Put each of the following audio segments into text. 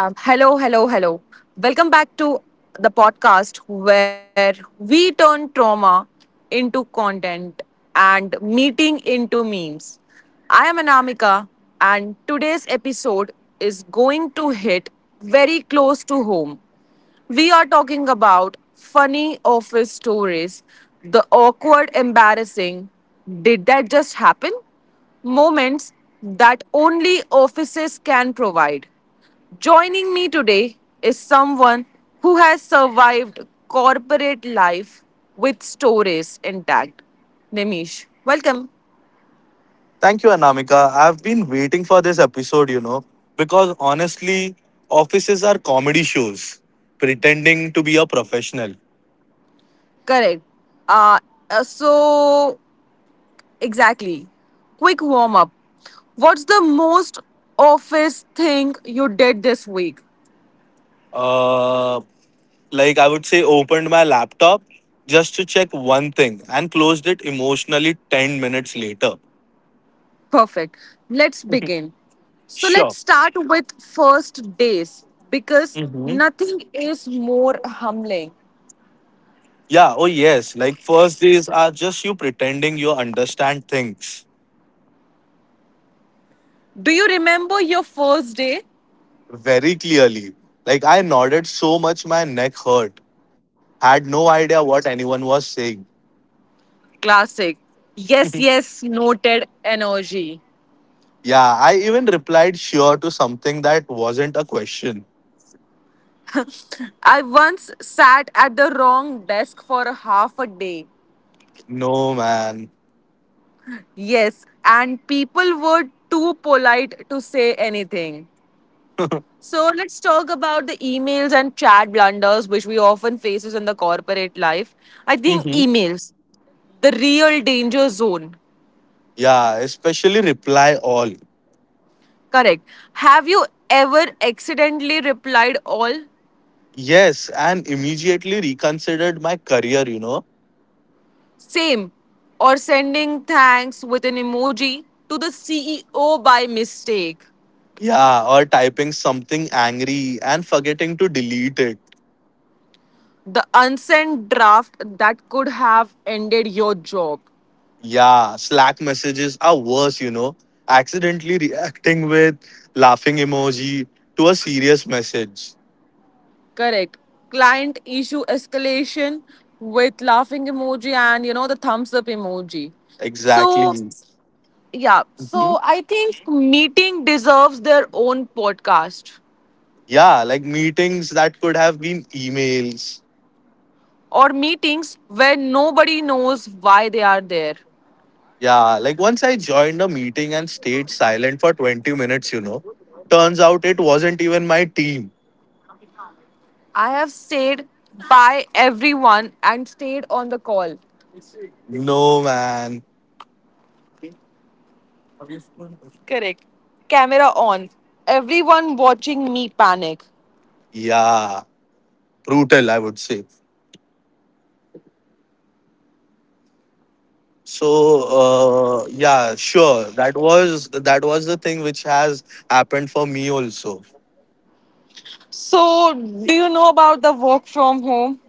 Hello, hello, hello. Welcome back to the podcast where we turn trauma into content and meeting into memes. I am Anamika, and today's episode is going to hit very close to home. We are talking about funny office stories, the awkward, embarrassing, did that just happen? Moments that only offices can provide. Joining me today is someone who has survived corporate life with stories intact. Nimish, welcome. Thank you, Anamika. I've been waiting for this episode, you know, because honestly, offices are comedy shows pretending to be a professional. Correct. Uh, uh, so, exactly. Quick warm up. What's the most office thing you did this week? Uh, like, I would say, opened my laptop just to check one thing and closed it emotionally 10 minutes later. Perfect. Let's begin. So let's Sure. start with first days because hmm nothing is more humbling. Yeah. Oh, yes. Like, first days are just you pretending you understand things. Do you remember your first day? Very clearly. Like I nodded so much my neck hurt. Had no idea what anyone was saying. Classic. Yes, yes, noted energy. Yeah, I even replied sure to something that wasn't a question. I once sat at the wrong desk for half a day. No, man. Yes, and people were too polite to say anything. So let's talk about the emails and chat blunders which we often faces in the corporate life. I think Mhm. emails, the real danger zone. Yeah, especially reply all. Correct. Have you ever accidentally replied all? Yes, and immediately reconsidered my career. Same. Or sending thanks with an emoji to the CEO by mistake. Yeah, or typing something angry and forgetting to delete it. The unsent draft that could have ended your job. Yeah, Slack messages are worse. Accidentally reacting with laughing emoji to a serious message. Correct. Client issue escalation with laughing emoji and you know the thumbs up emoji. So, Exactly. yeah. Mhm. So, I think meeting deserves their own podcast, Yeah, like meetings that could have been emails. or meetings where nobody knows why they are there. Yeah, like once I joined a meeting and stayed silent for 20 minutes. Turns out it wasn't even my team. I have stayed by everyone and stayed on the call. No, man. Correct. Camera on. Everyone watching me panic. Yeah, brutal, I would say. So yeah, sure. That was the thing which has happened for me also. So, do you know about the work from home?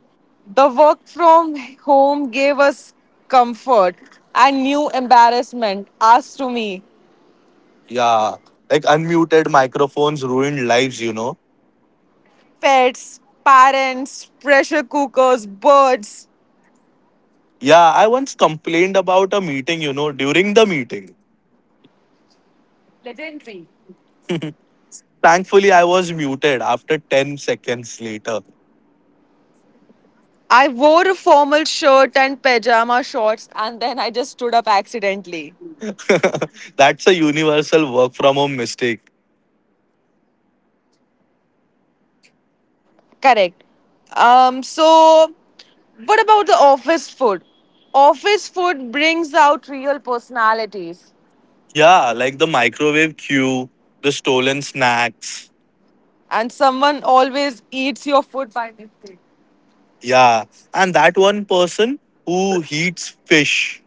The work from home gave us comfort and new embarrassment asked to me. Yeah, like unmuted microphones ruined lives. Pets, parents, pressure cookers, birds. Yeah, I once complained about a meeting during the meeting. Legendary. Thankfully, I was muted after 10 seconds later. I wore a formal shirt and pajama shorts and then I just stood up accidentally. That's a universal work from home mistake. Correct. Um, so, what about the office food? Office food brings out real personalities, Yeah, like the microwave queue, the stolen snacks. and someone always eats your food by mistake. Yeah, and that one person who heats fish.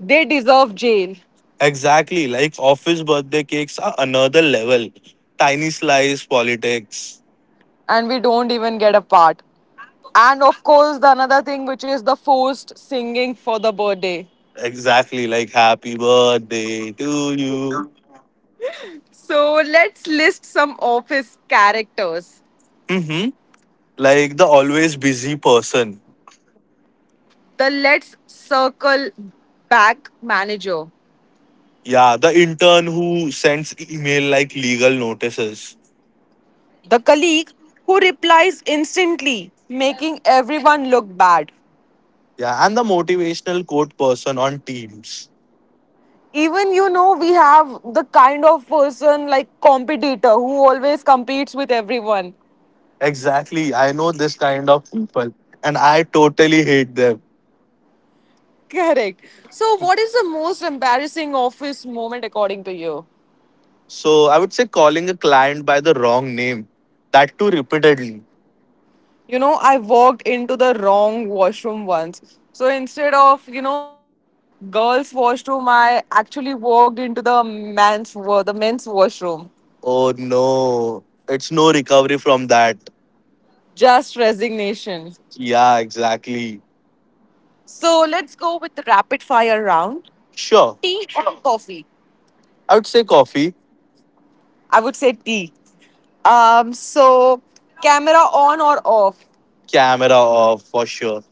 They deserve jail, Exactly, like office birthday cakes are another level. Tiny slice politics. and we don't even get a part. And of course, the another thing which is the forced singing for the birthday. Exactly, like happy birthday to you. So let's list some office characters. Mm-hmm. Like the always busy person. The let's circle back manager. Yeah, the intern who sends email like legal notices. The colleague who replies instantly, making everyone look bad. Yeah, and the motivational quote person on Teams. Even you know, we have the kind of person like competitor who always competes with everyone. Exactly, I know this kind of people and I totally hate them. Correct. So, what is the most embarrassing office moment according to you? So I would say calling a client by the wrong name, that too repeatedly. You know, I walked into the wrong washroom once. So, instead of, you know, the girls' washroom, I actually walked into the men's washroom. Oh no, it's no recovery from that. Just resignation. Yeah, exactly. So let's go with the rapid fire round. Sure, Tea or coffee? I would say coffee. I would say tea. Um, so camera on or off? Camera off for sure.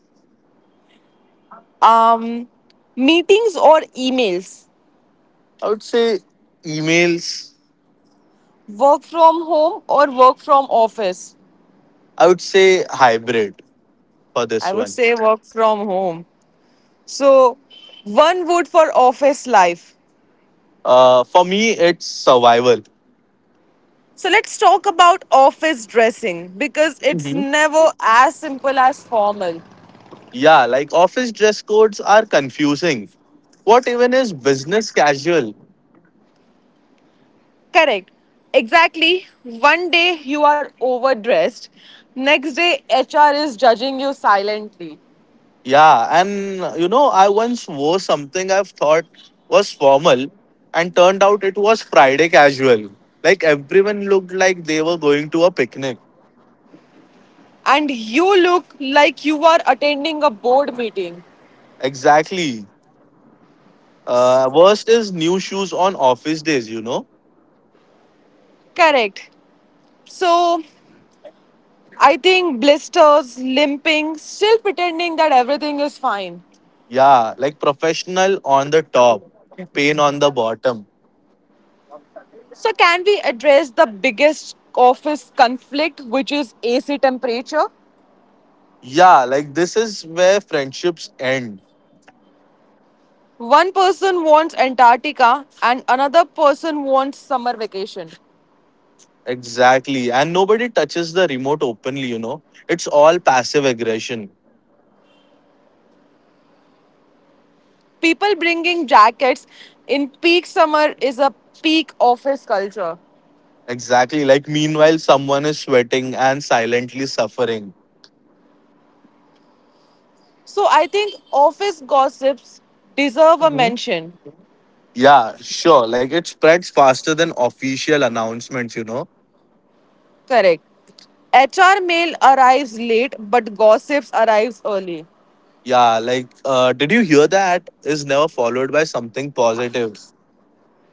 Um, meetings or emails? I would say emails. Work from home or work from office? I would say hybrid for this I would one. say work from home. So one word for office life. For me, it's survival. So let's talk about office dressing because it's Mhm. never as simple as formal. Yeah, like office dress codes are confusing. What even is business casual? Correct. Exactly. One day you are overdressed, next day HR is judging you silently. Yeah, and you know, I once wore something I've thought was formal, and turned out it was Friday casual. Like everyone looked like they were going to a picnic. And you look like you are attending a board meeting. Exactly. Worst is new shoes on office days? Correct. So I think blisters, limping, still pretending that everything is fine. Yeah, like professional on the top, pain on the bottom. So, can we address the biggest office conflict, which is AC temperature? Yeah, like this is where friendships end. One person wants Antarctica and another person wants summer vacation. Exactly. And nobody touches the remote openly? It's all passive aggression. People bringing jackets in peak summer is a peak office culture. Exactly. Like, meanwhile, someone is sweating and silently suffering. So I think office gossips deserve a Mhm. mention. Yeah, sure. Like, it spreads faster than official announcements? Correct. HR mail arrives late, but gossips arrives early. Yeah, like, did you hear that? Is never followed by something positive.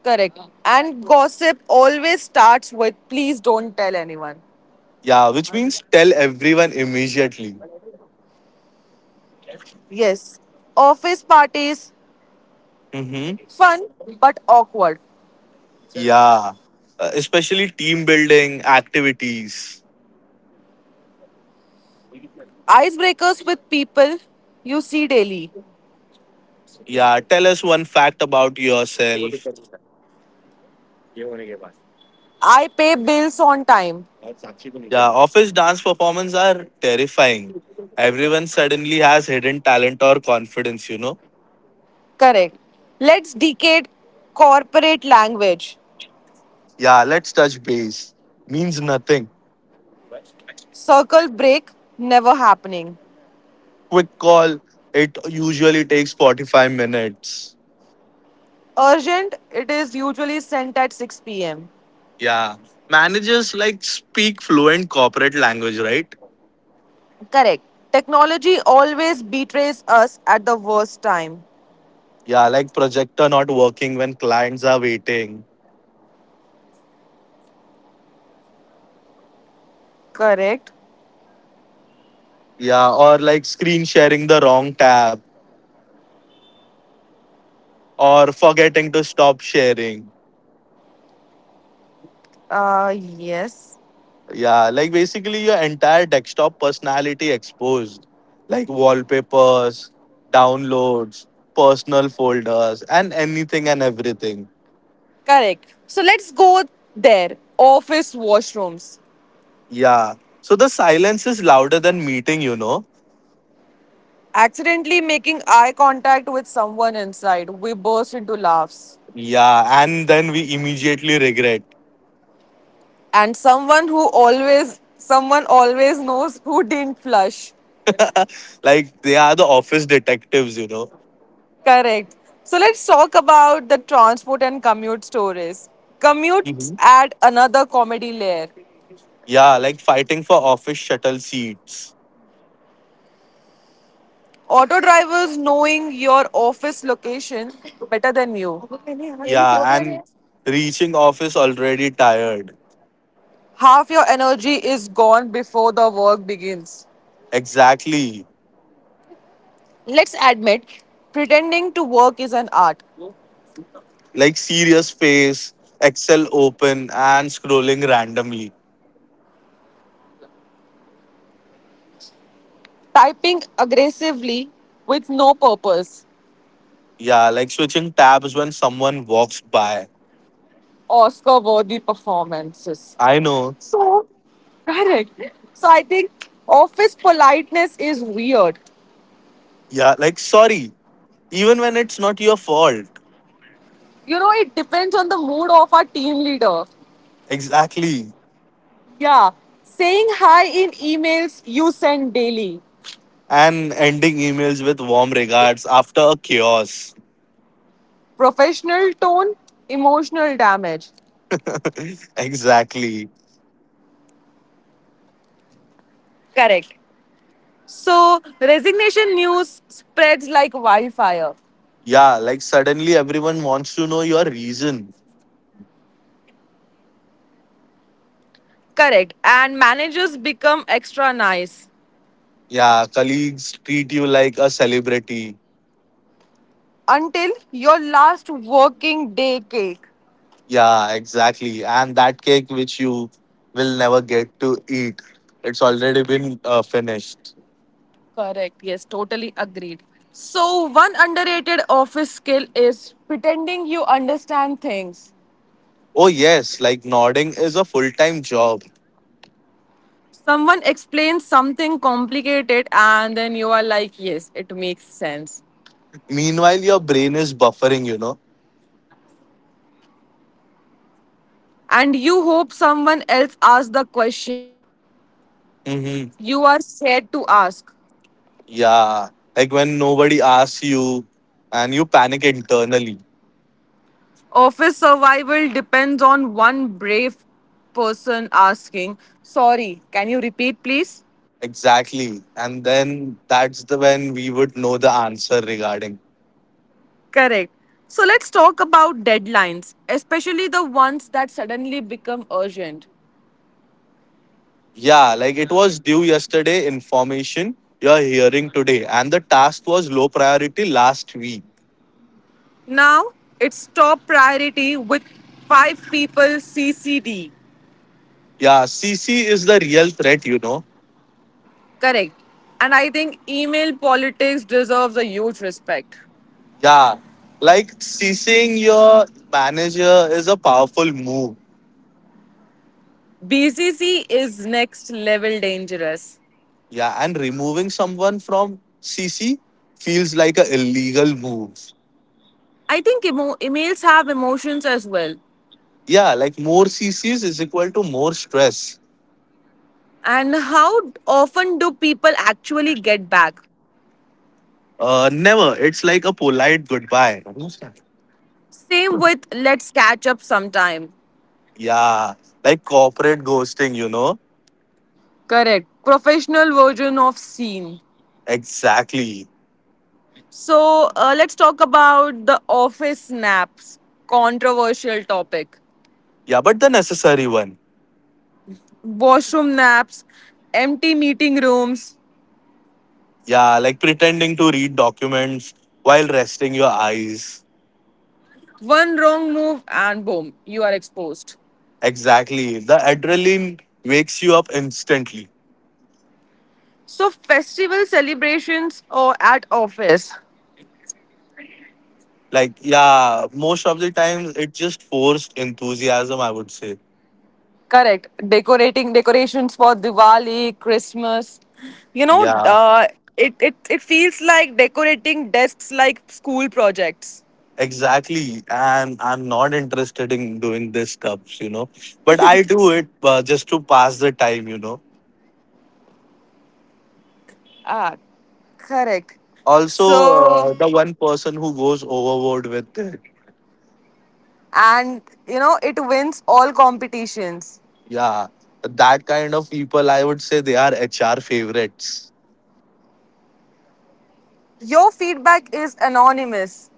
Correct. And gossip always starts with please don't tell anyone. Yeah, which means tell everyone immediately. Yes. Office parties, Mm-hmm. fun but awkward. Yeah. Especially team building activities. Icebreakers with people you see daily. Yeah, tell us one fact about yourself. I pay bills on time. Yeah, office dance performances are terrifying. Everyone suddenly has hidden talent or confidence? Correct. Let's decade corporate language. Yeah, let's touch base. Means nothing. Circle break never happening. Quick call, it usually takes 45 minutes. Urgent, it is usually sent at 6 pm. Yeah. Managers like speak fluent corporate language, right? Correct. Technology always betrays us at the worst time. Yeah, like projector not working when clients are waiting. Correct. Yeah, or like screen sharing the wrong tab or forgetting to stop sharing. Yes. Yeah, like basically your entire desktop personality exposed, like wallpapers, downloads, personal folders, and anything and everything. Correct. So let's go there. Office washrooms. Yeah. So the silence is louder than meeting? Accidentally making eye contact with someone inside. We burst into laughs. Yeah. And then we immediately regret. And someone always knows who didn't flush. Like they are the office detectives? Correct. So let's talk about the transport and commute stories. Commutes Mhm. add another comedy layer. Yeah. Like fighting for office shuttle seats. Auto drivers knowing your office location better than you. Yeah. And reaching office already tired. Half your energy is gone before the work begins. Exactly. Let's admit pretending to work is an art. Like serious face, Excel open, and scrolling randomly. Typing aggressively with no purpose. Yeah, like switching tabs when someone walks by. Oscar worthy performances. I know. So. Correct. So I think office politeness is weird. Yeah, like sorry, even when it's not your fault. You know, it depends on the mood of our team leader. Exactly. Yeah. Saying hi in emails you send daily. And ending emails with warm regards after a chaos. Professional tone, emotional damage. Exactly. Correct. So resignation news spreads like wildfire. Yeah, like suddenly everyone wants to know your reason. Correct. And managers become extra nice. Yeah, colleagues treat you like a celebrity. Until your last working day cake. Yeah, exactly. And that cake which you will never get to eat, it's already been finished. Correct. Yes, totally agreed. So, one underrated office skill is pretending you understand things. Oh, yes, like nodding is a full time job. Someone explains something complicated, and then you are like, yes, it makes sense. Meanwhile, your brain is buffering? And you hope someone else asks the question Mm-hmm. you are scared to ask. Yeah, like when nobody asks you and you panic internally. Office survival depends on one brave person asking, sorry, can you repeat, please? Exactly. And then that's the when we would know the answer regarding. Correct. So let's talk about deadlines, especially the ones that suddenly become urgent. Yeah, like it was due yesterday information you're hearing today and the task was low priority last week. Now it's top priority with five people CC'd. Yeah, CC is the real threat. Correct. And I think email politics deserves a huge respect. Yeah, like CCing your manager is a powerful move. BCC is next level dangerous. Yeah, and removing someone from CC feels like a illegal move. I think emails have emotions as well. Yeah, like more CCs is equal to more stress. And how often do people actually get back? Never. It's like a polite goodbye. Same with let's catch up sometime. Yeah, like corporate ghosting. Correct. Professional version of scene. Exactly. So let's talk about the office naps, controversial topic. Yeah, but the necessary one. Washroom naps, empty meeting rooms, Yeah, like pretending to read documents while resting your eyes. one wrong move, and boom, you are exposed. Exactly. The adrenaline wakes you up instantly. So festival celebrations or at office. Like, yeah, most of the times it just forced enthusiasm, I would say. Correct. Decorating decorations for Diwali, Christmas. You know, Yeah, it feels like decorating desks like school projects. exactly. And I'm not interested in doing this stuff. But I do it just to pass the time. Ah, correct. Also, So, the one person who goes overboard with it. and you know, it wins all competitions. Yeah, that kind of people, I would say they are HR favorites. Your feedback is anonymous.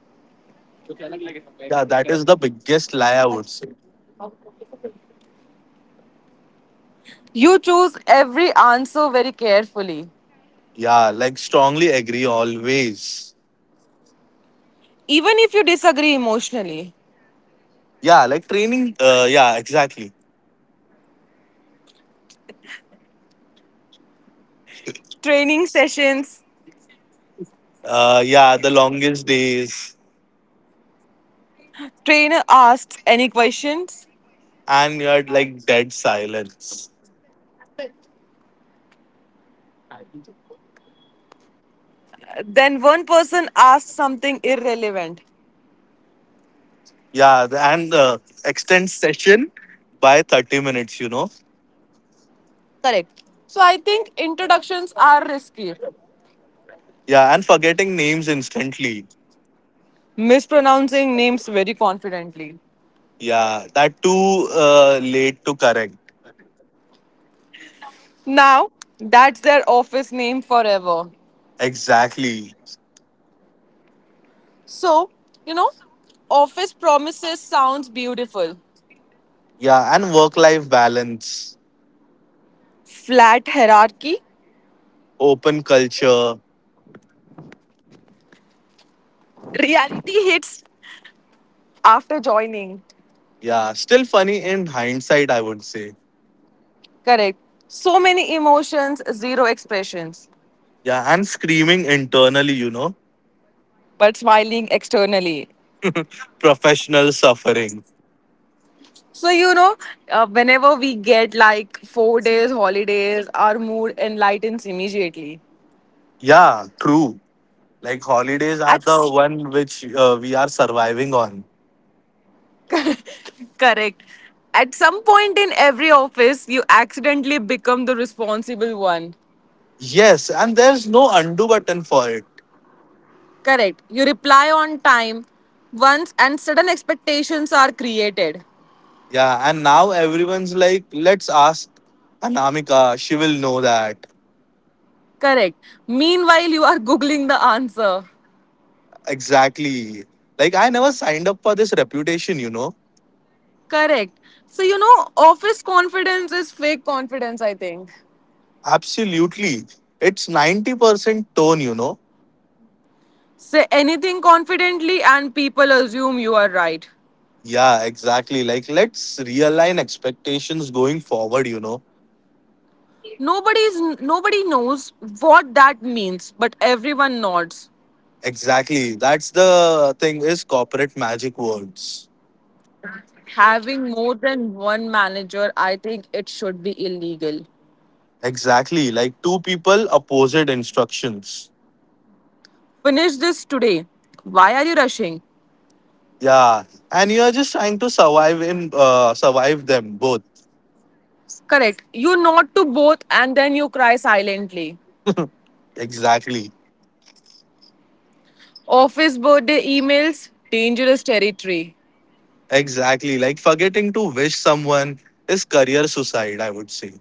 Yeah, that is the biggest lie, I would say. You choose every answer very carefully, Yeah, like strongly agree always. even if you disagree emotionally. Yeah, like training. Yeah, exactly. Training sessions, Yeah, the longest days trainer asks any questions, and you're like dead silence. then one person asks something irrelevant. Yeah, the- and Extend session by 30 minutes. Correct. So I think introductions are risky, Yeah, and forgetting names instantly. mispronouncing names very confidently. Yeah, that too late to correct. Now, that's their office name forever. Exactly. So, you know, office promises sounds beautiful. Yeah, and work life balance, Flat hierarchy, open culture. reality hits after joining. Yeah, still funny in hindsight, I would say. Correct. So many emotions, zero expressions, Yeah, and screaming internally, you know, but smiling externally. professional suffering. So, you know, whenever we get like 4 days holidays, our mood enlightens immediately. Yeah, true. Like holidays are At the one which we are surviving on. Correct. At some point in every office, you accidentally become the responsible one. Yes, and there's no undo button for it. Correct. You reply on time once, and certain expectations are created. Yeah, and now everyone's like, let's ask Anamika. She will know that. Correct. Meanwhile, you are Googling the answer. Exactly. Like, I never signed up for this reputation? Correct. So, you know, office confidence is fake confidence, I think. Absolutely. It's 90% tone? Say anything confidently, and people assume you are right. Yeah, exactly. Like, let's realign expectations going forward? Nobody knows what that means, but everyone nods. Exactly. That's the thing is corporate magic words. Having more than one manager, I think it should be illegal. Exactly, like two people opposite instructions. Finish this today. Why are you rushing? Yeah, and you are just trying to survive in survive them both. Correct. You nod to both and then you cry silently. Exactly, Office birthday emails, dangerous territory. exactly. Like forgetting to wish someone is career suicide. I would say.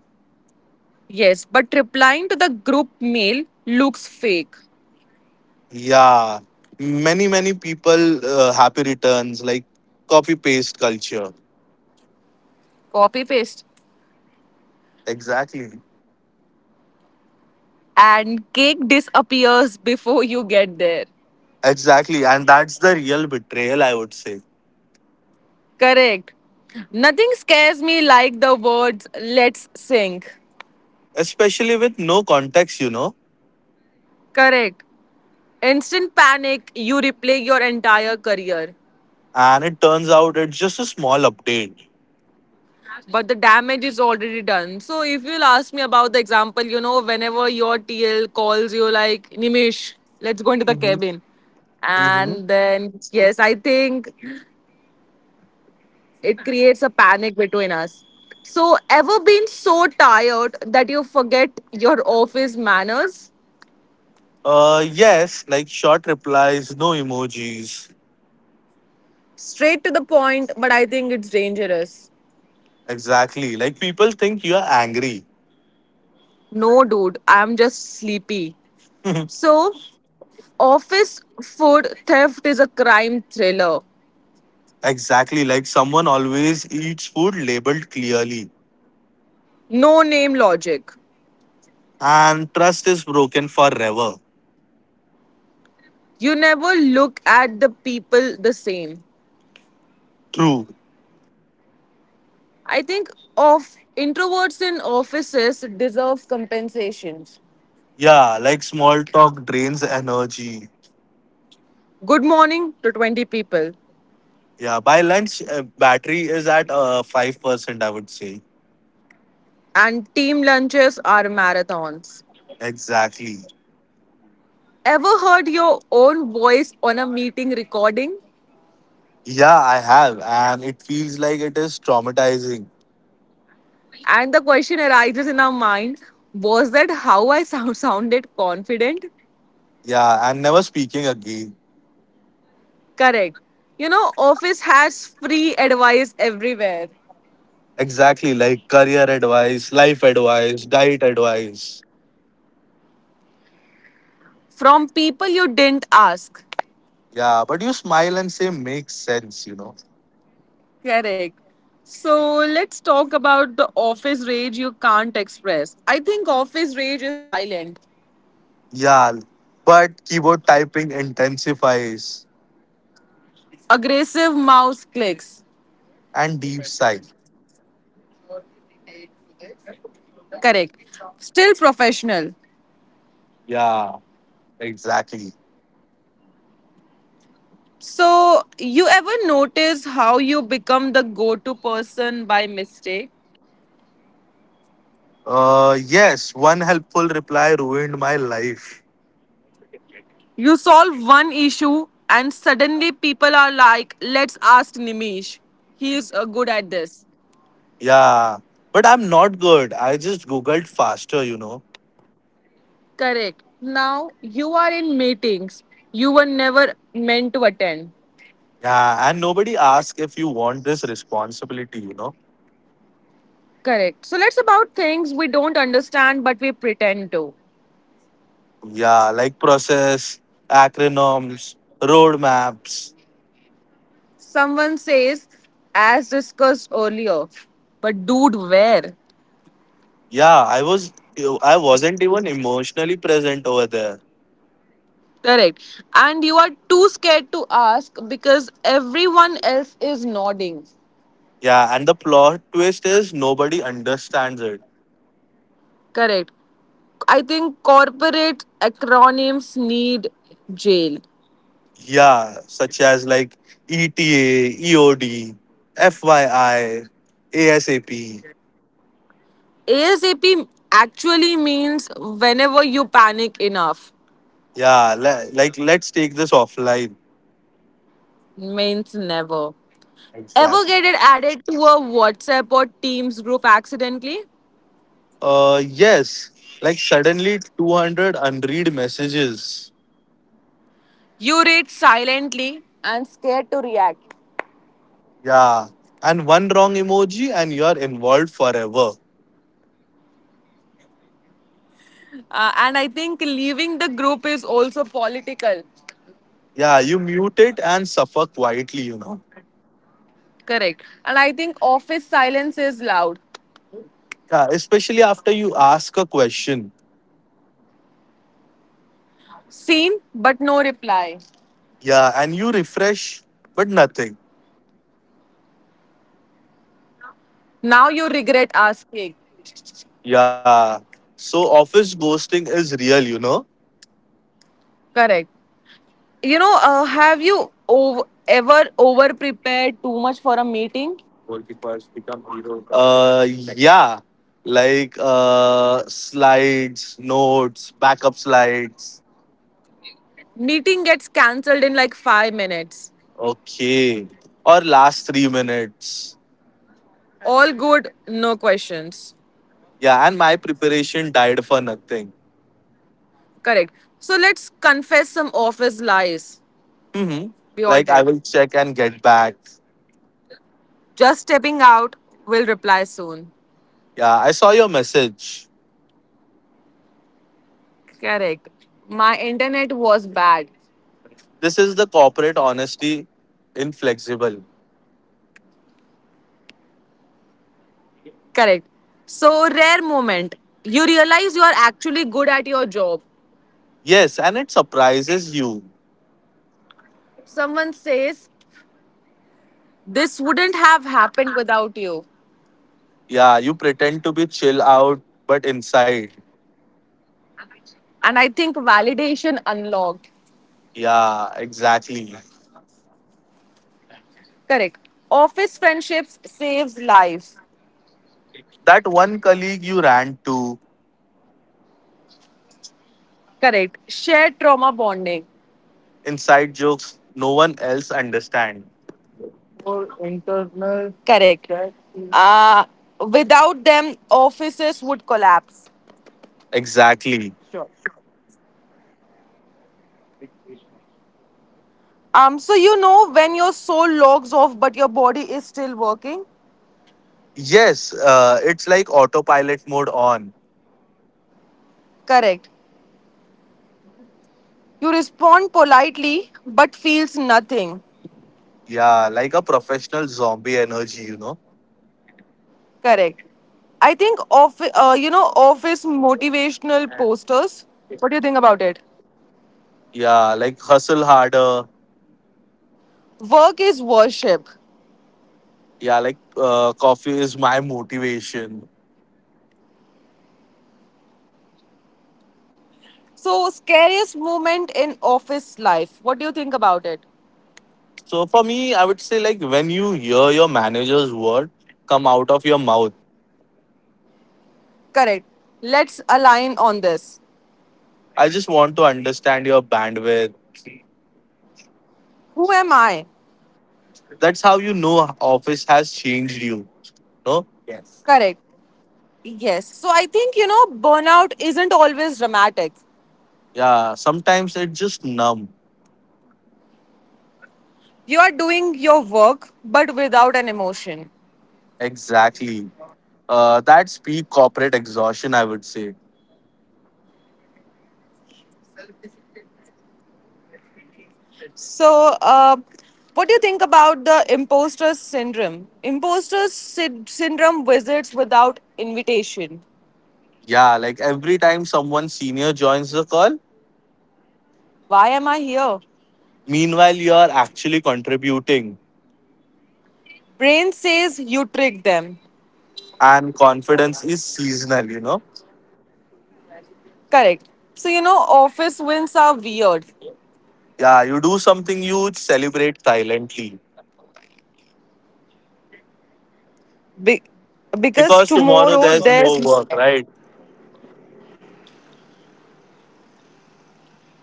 Yes, but replying to the group mail looks fake. Yeah, many many people happy returns like copy paste culture. Copy paste. Exactly, And cake disappears before you get there. exactly, and that's the real betrayal. I would say, Correct. Nothing scares me like the words let's sing. especially with no context. Correct. Instant panic, you replay your entire career, And it turns out it's just a small update. but the damage is already done. So, if you'll ask me about the example, you know, whenever your TL calls you, like, Nimish, let's go into the Mhm. cabin. Mhm. And then, yes, I think it creates a panic between us. So, ever been so tired that you forget your office manners? Yes, like short replies, no emojis. Straight to the point, but I think it's dangerous. Exactly. Like people think you are angry. No, dude, I'm just sleepy. So, office food theft is a crime thriller. Exactly. Like someone always eats food labeled clearly. No name logic. And trust is broken forever. You never look at the people the same. True. I think of introverts in offices deserve compensations. Yeah, like small talk drains energy. Good morning to 20 people. Yeah, by lunch, battery is at 5%, I would say. And team lunches are marathons. Exactly. Ever heard your own voice on a meeting recording? Yeah, I have. And it feels like it is traumatizing. And the question arises in our mind was that how I sounded confident? Yeah, and never speaking again. Correct. You know, office has free advice everywhere Exactly, like career advice, life advice, diet advice. from people you didn't ask. Yeah, but you smile and say makes sense. Correct. So let's talk about the office rage you can't express. I think office rage is silent, Yeah, but keyboard typing intensifies aggressive mouse clicks. and deep sigh. Correct. Still professional. Yeah, exactly. So, you ever notice how you become the go to person by mistake? Yes, one helpful reply ruined my life. You solve one issue, and suddenly people are like, let's ask Nimish. He is good at this. Yeah, but I'm not good. I just googled faster. Correct. Now you are in meetings you were never meant to attend. Yeah, and nobody asks if you want this responsibility. Correct. So let's about things we don't understand but we pretend to. Yeah, like process, acronyms, roadmaps. Someone says, as discussed earlier, but dude, where? Yeah, I wasn't even emotionally present over there. Correct. And you are too scared to ask because everyone else is nodding. Yeah, and the plot twist is nobody understands it. Correct. I think corporate acronyms need jail. Yeah, such as like ETA, EOD, FYI, ASAP. ASAP actually means whenever you panic enough, Yeah, like let's take this offline. means never. Ever Exactly. get it added to a WhatsApp or Teams group accidentally? Yes, like suddenly 200 unread messages. You read silently and scared to react. Yeah. And one wrong emoji and you're involved forever. And I think leaving the group is also political. Yeah, you mute it and suffer quietly. Correct. And I think office silence is loud. Yeah, especially after you ask a question. Seen, but no reply. Yeah, and you refresh, but nothing. Now you regret asking. Yeah. So office ghosting is real. Correct. You know, have you ever over prepared too much for a meeting? Goalkeepers become heroes. Yeah. Like slides, notes, backup slides. Meeting gets cancelled in like 5 minutes. Okay. Or last 3 minutes. All good, no questions. Yeah, and my preparation died for nothing. Correct. So let's confess some office lies. Mm-hmm. We all Like I tell. will check and get back. Just stepping out, will reply soon. Yeah, I saw your message. Correct. My internet was bad. This is the corporate honesty inflexible. Correct. So, rare moment. You realize you are actually good at your job. Yes, and it surprises you. Someone says, this wouldn't have happened without you. Yeah, you pretend to be chill out, but inside. And I think validation unlocked. Yeah, exactly. Correct. Office friendships saves lives. That one colleague you ran to, Correct. Shared trauma bonding. inside jokes no one else understand. Internal. Correct. Uh, Without them, offices would collapse. Exactly. So you know when your soul logs off but your body is still working? Yes, it's like autopilot mode on. Correct. You respond politely but feels nothing. Yeah, like a professional zombie energy, you know. Correct. I think of office motivational posters. What do you think about it? Yeah, like hustle harder. Work is worship. Yeah, like coffee is my motivation. So, scariest moment in office life. What do you think about it? So for me I would say like when you hear your manager's word come out of your mouth. Correct. Let's align on this. I just want to understand your bandwidth. Who am I? That's how you know office has changed you. No. Correct. Yes. So, I think, burnout isn't always dramatic. Yeah, sometimes it's just numb. You are doing your work, but without an emotion. Exactly. That's peak corporate exhaustion I would say. So, what do you think about the imposter syndrome? Imposter syndrome visits without invitation. Yeah, like every time someone senior joins the call. Why am I here? Meanwhile you are actually contributing. Brain says you tricked them. And confidence is seasonal you know. Correct. So you know, office wins are weird. Yeah, you do something huge, celebrate silently. Be- because Because tomorrow tomorrow there's there's no work, right?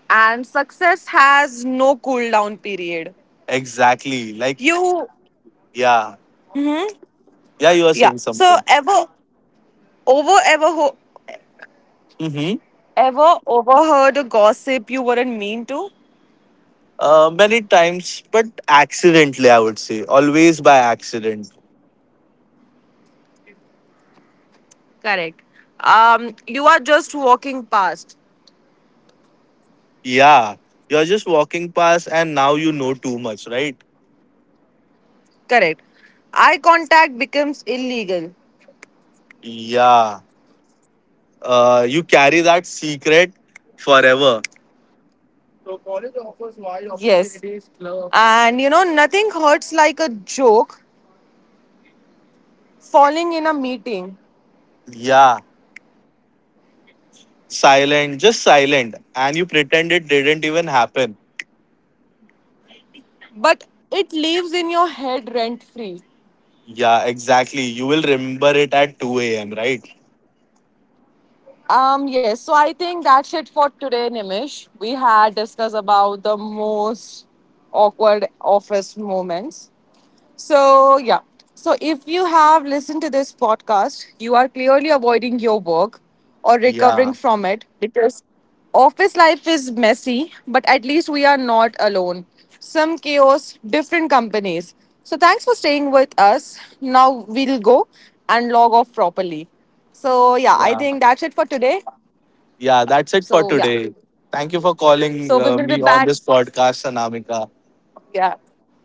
and success has no cool down period. Exactly. Like, You yeah. Yeah, you are yeah. saying So something. Over ever ho- Mm-hmm. ever overheard a gossip you weren't mean to? Many times, but accidentally, I would say. Always by accident. Correct. You are just walking past. Yeah. You're just walking past and now you know too much, right? Correct. Eye contact becomes illegal. Yeah. You carry that secret forever. So college offers wide. Yes. Opportunities, clubs. And you know, nothing hurts like a joke falling in a meeting. Yeah. Silent, just silent. And you pretend it didn't even happen. But it lives in your head rent free. Yeah, exactly. You will remember it at 2 a.m., right? Yes, so I think that's it for today, Nimish. We had discussed about the most awkward office moments. So, yeah. So, if you have listened to this podcast, you are clearly avoiding your work or recovering Yeah, from it because office life is messy, but at least we are not alone. Some chaos, different companies. So, thanks for staying with us. Now, we'll go and log off properly. So, yeah, I yeah, think that's it for today. yeah. That's it for So, yeah. today. Thank you for calling So, we will be me on back. this podcast, Anamika. Yeah.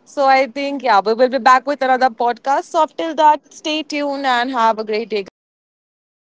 So I think, yeah, we will be back with another podcast. So up till that, stay tuned and have a great day, guys. Bye.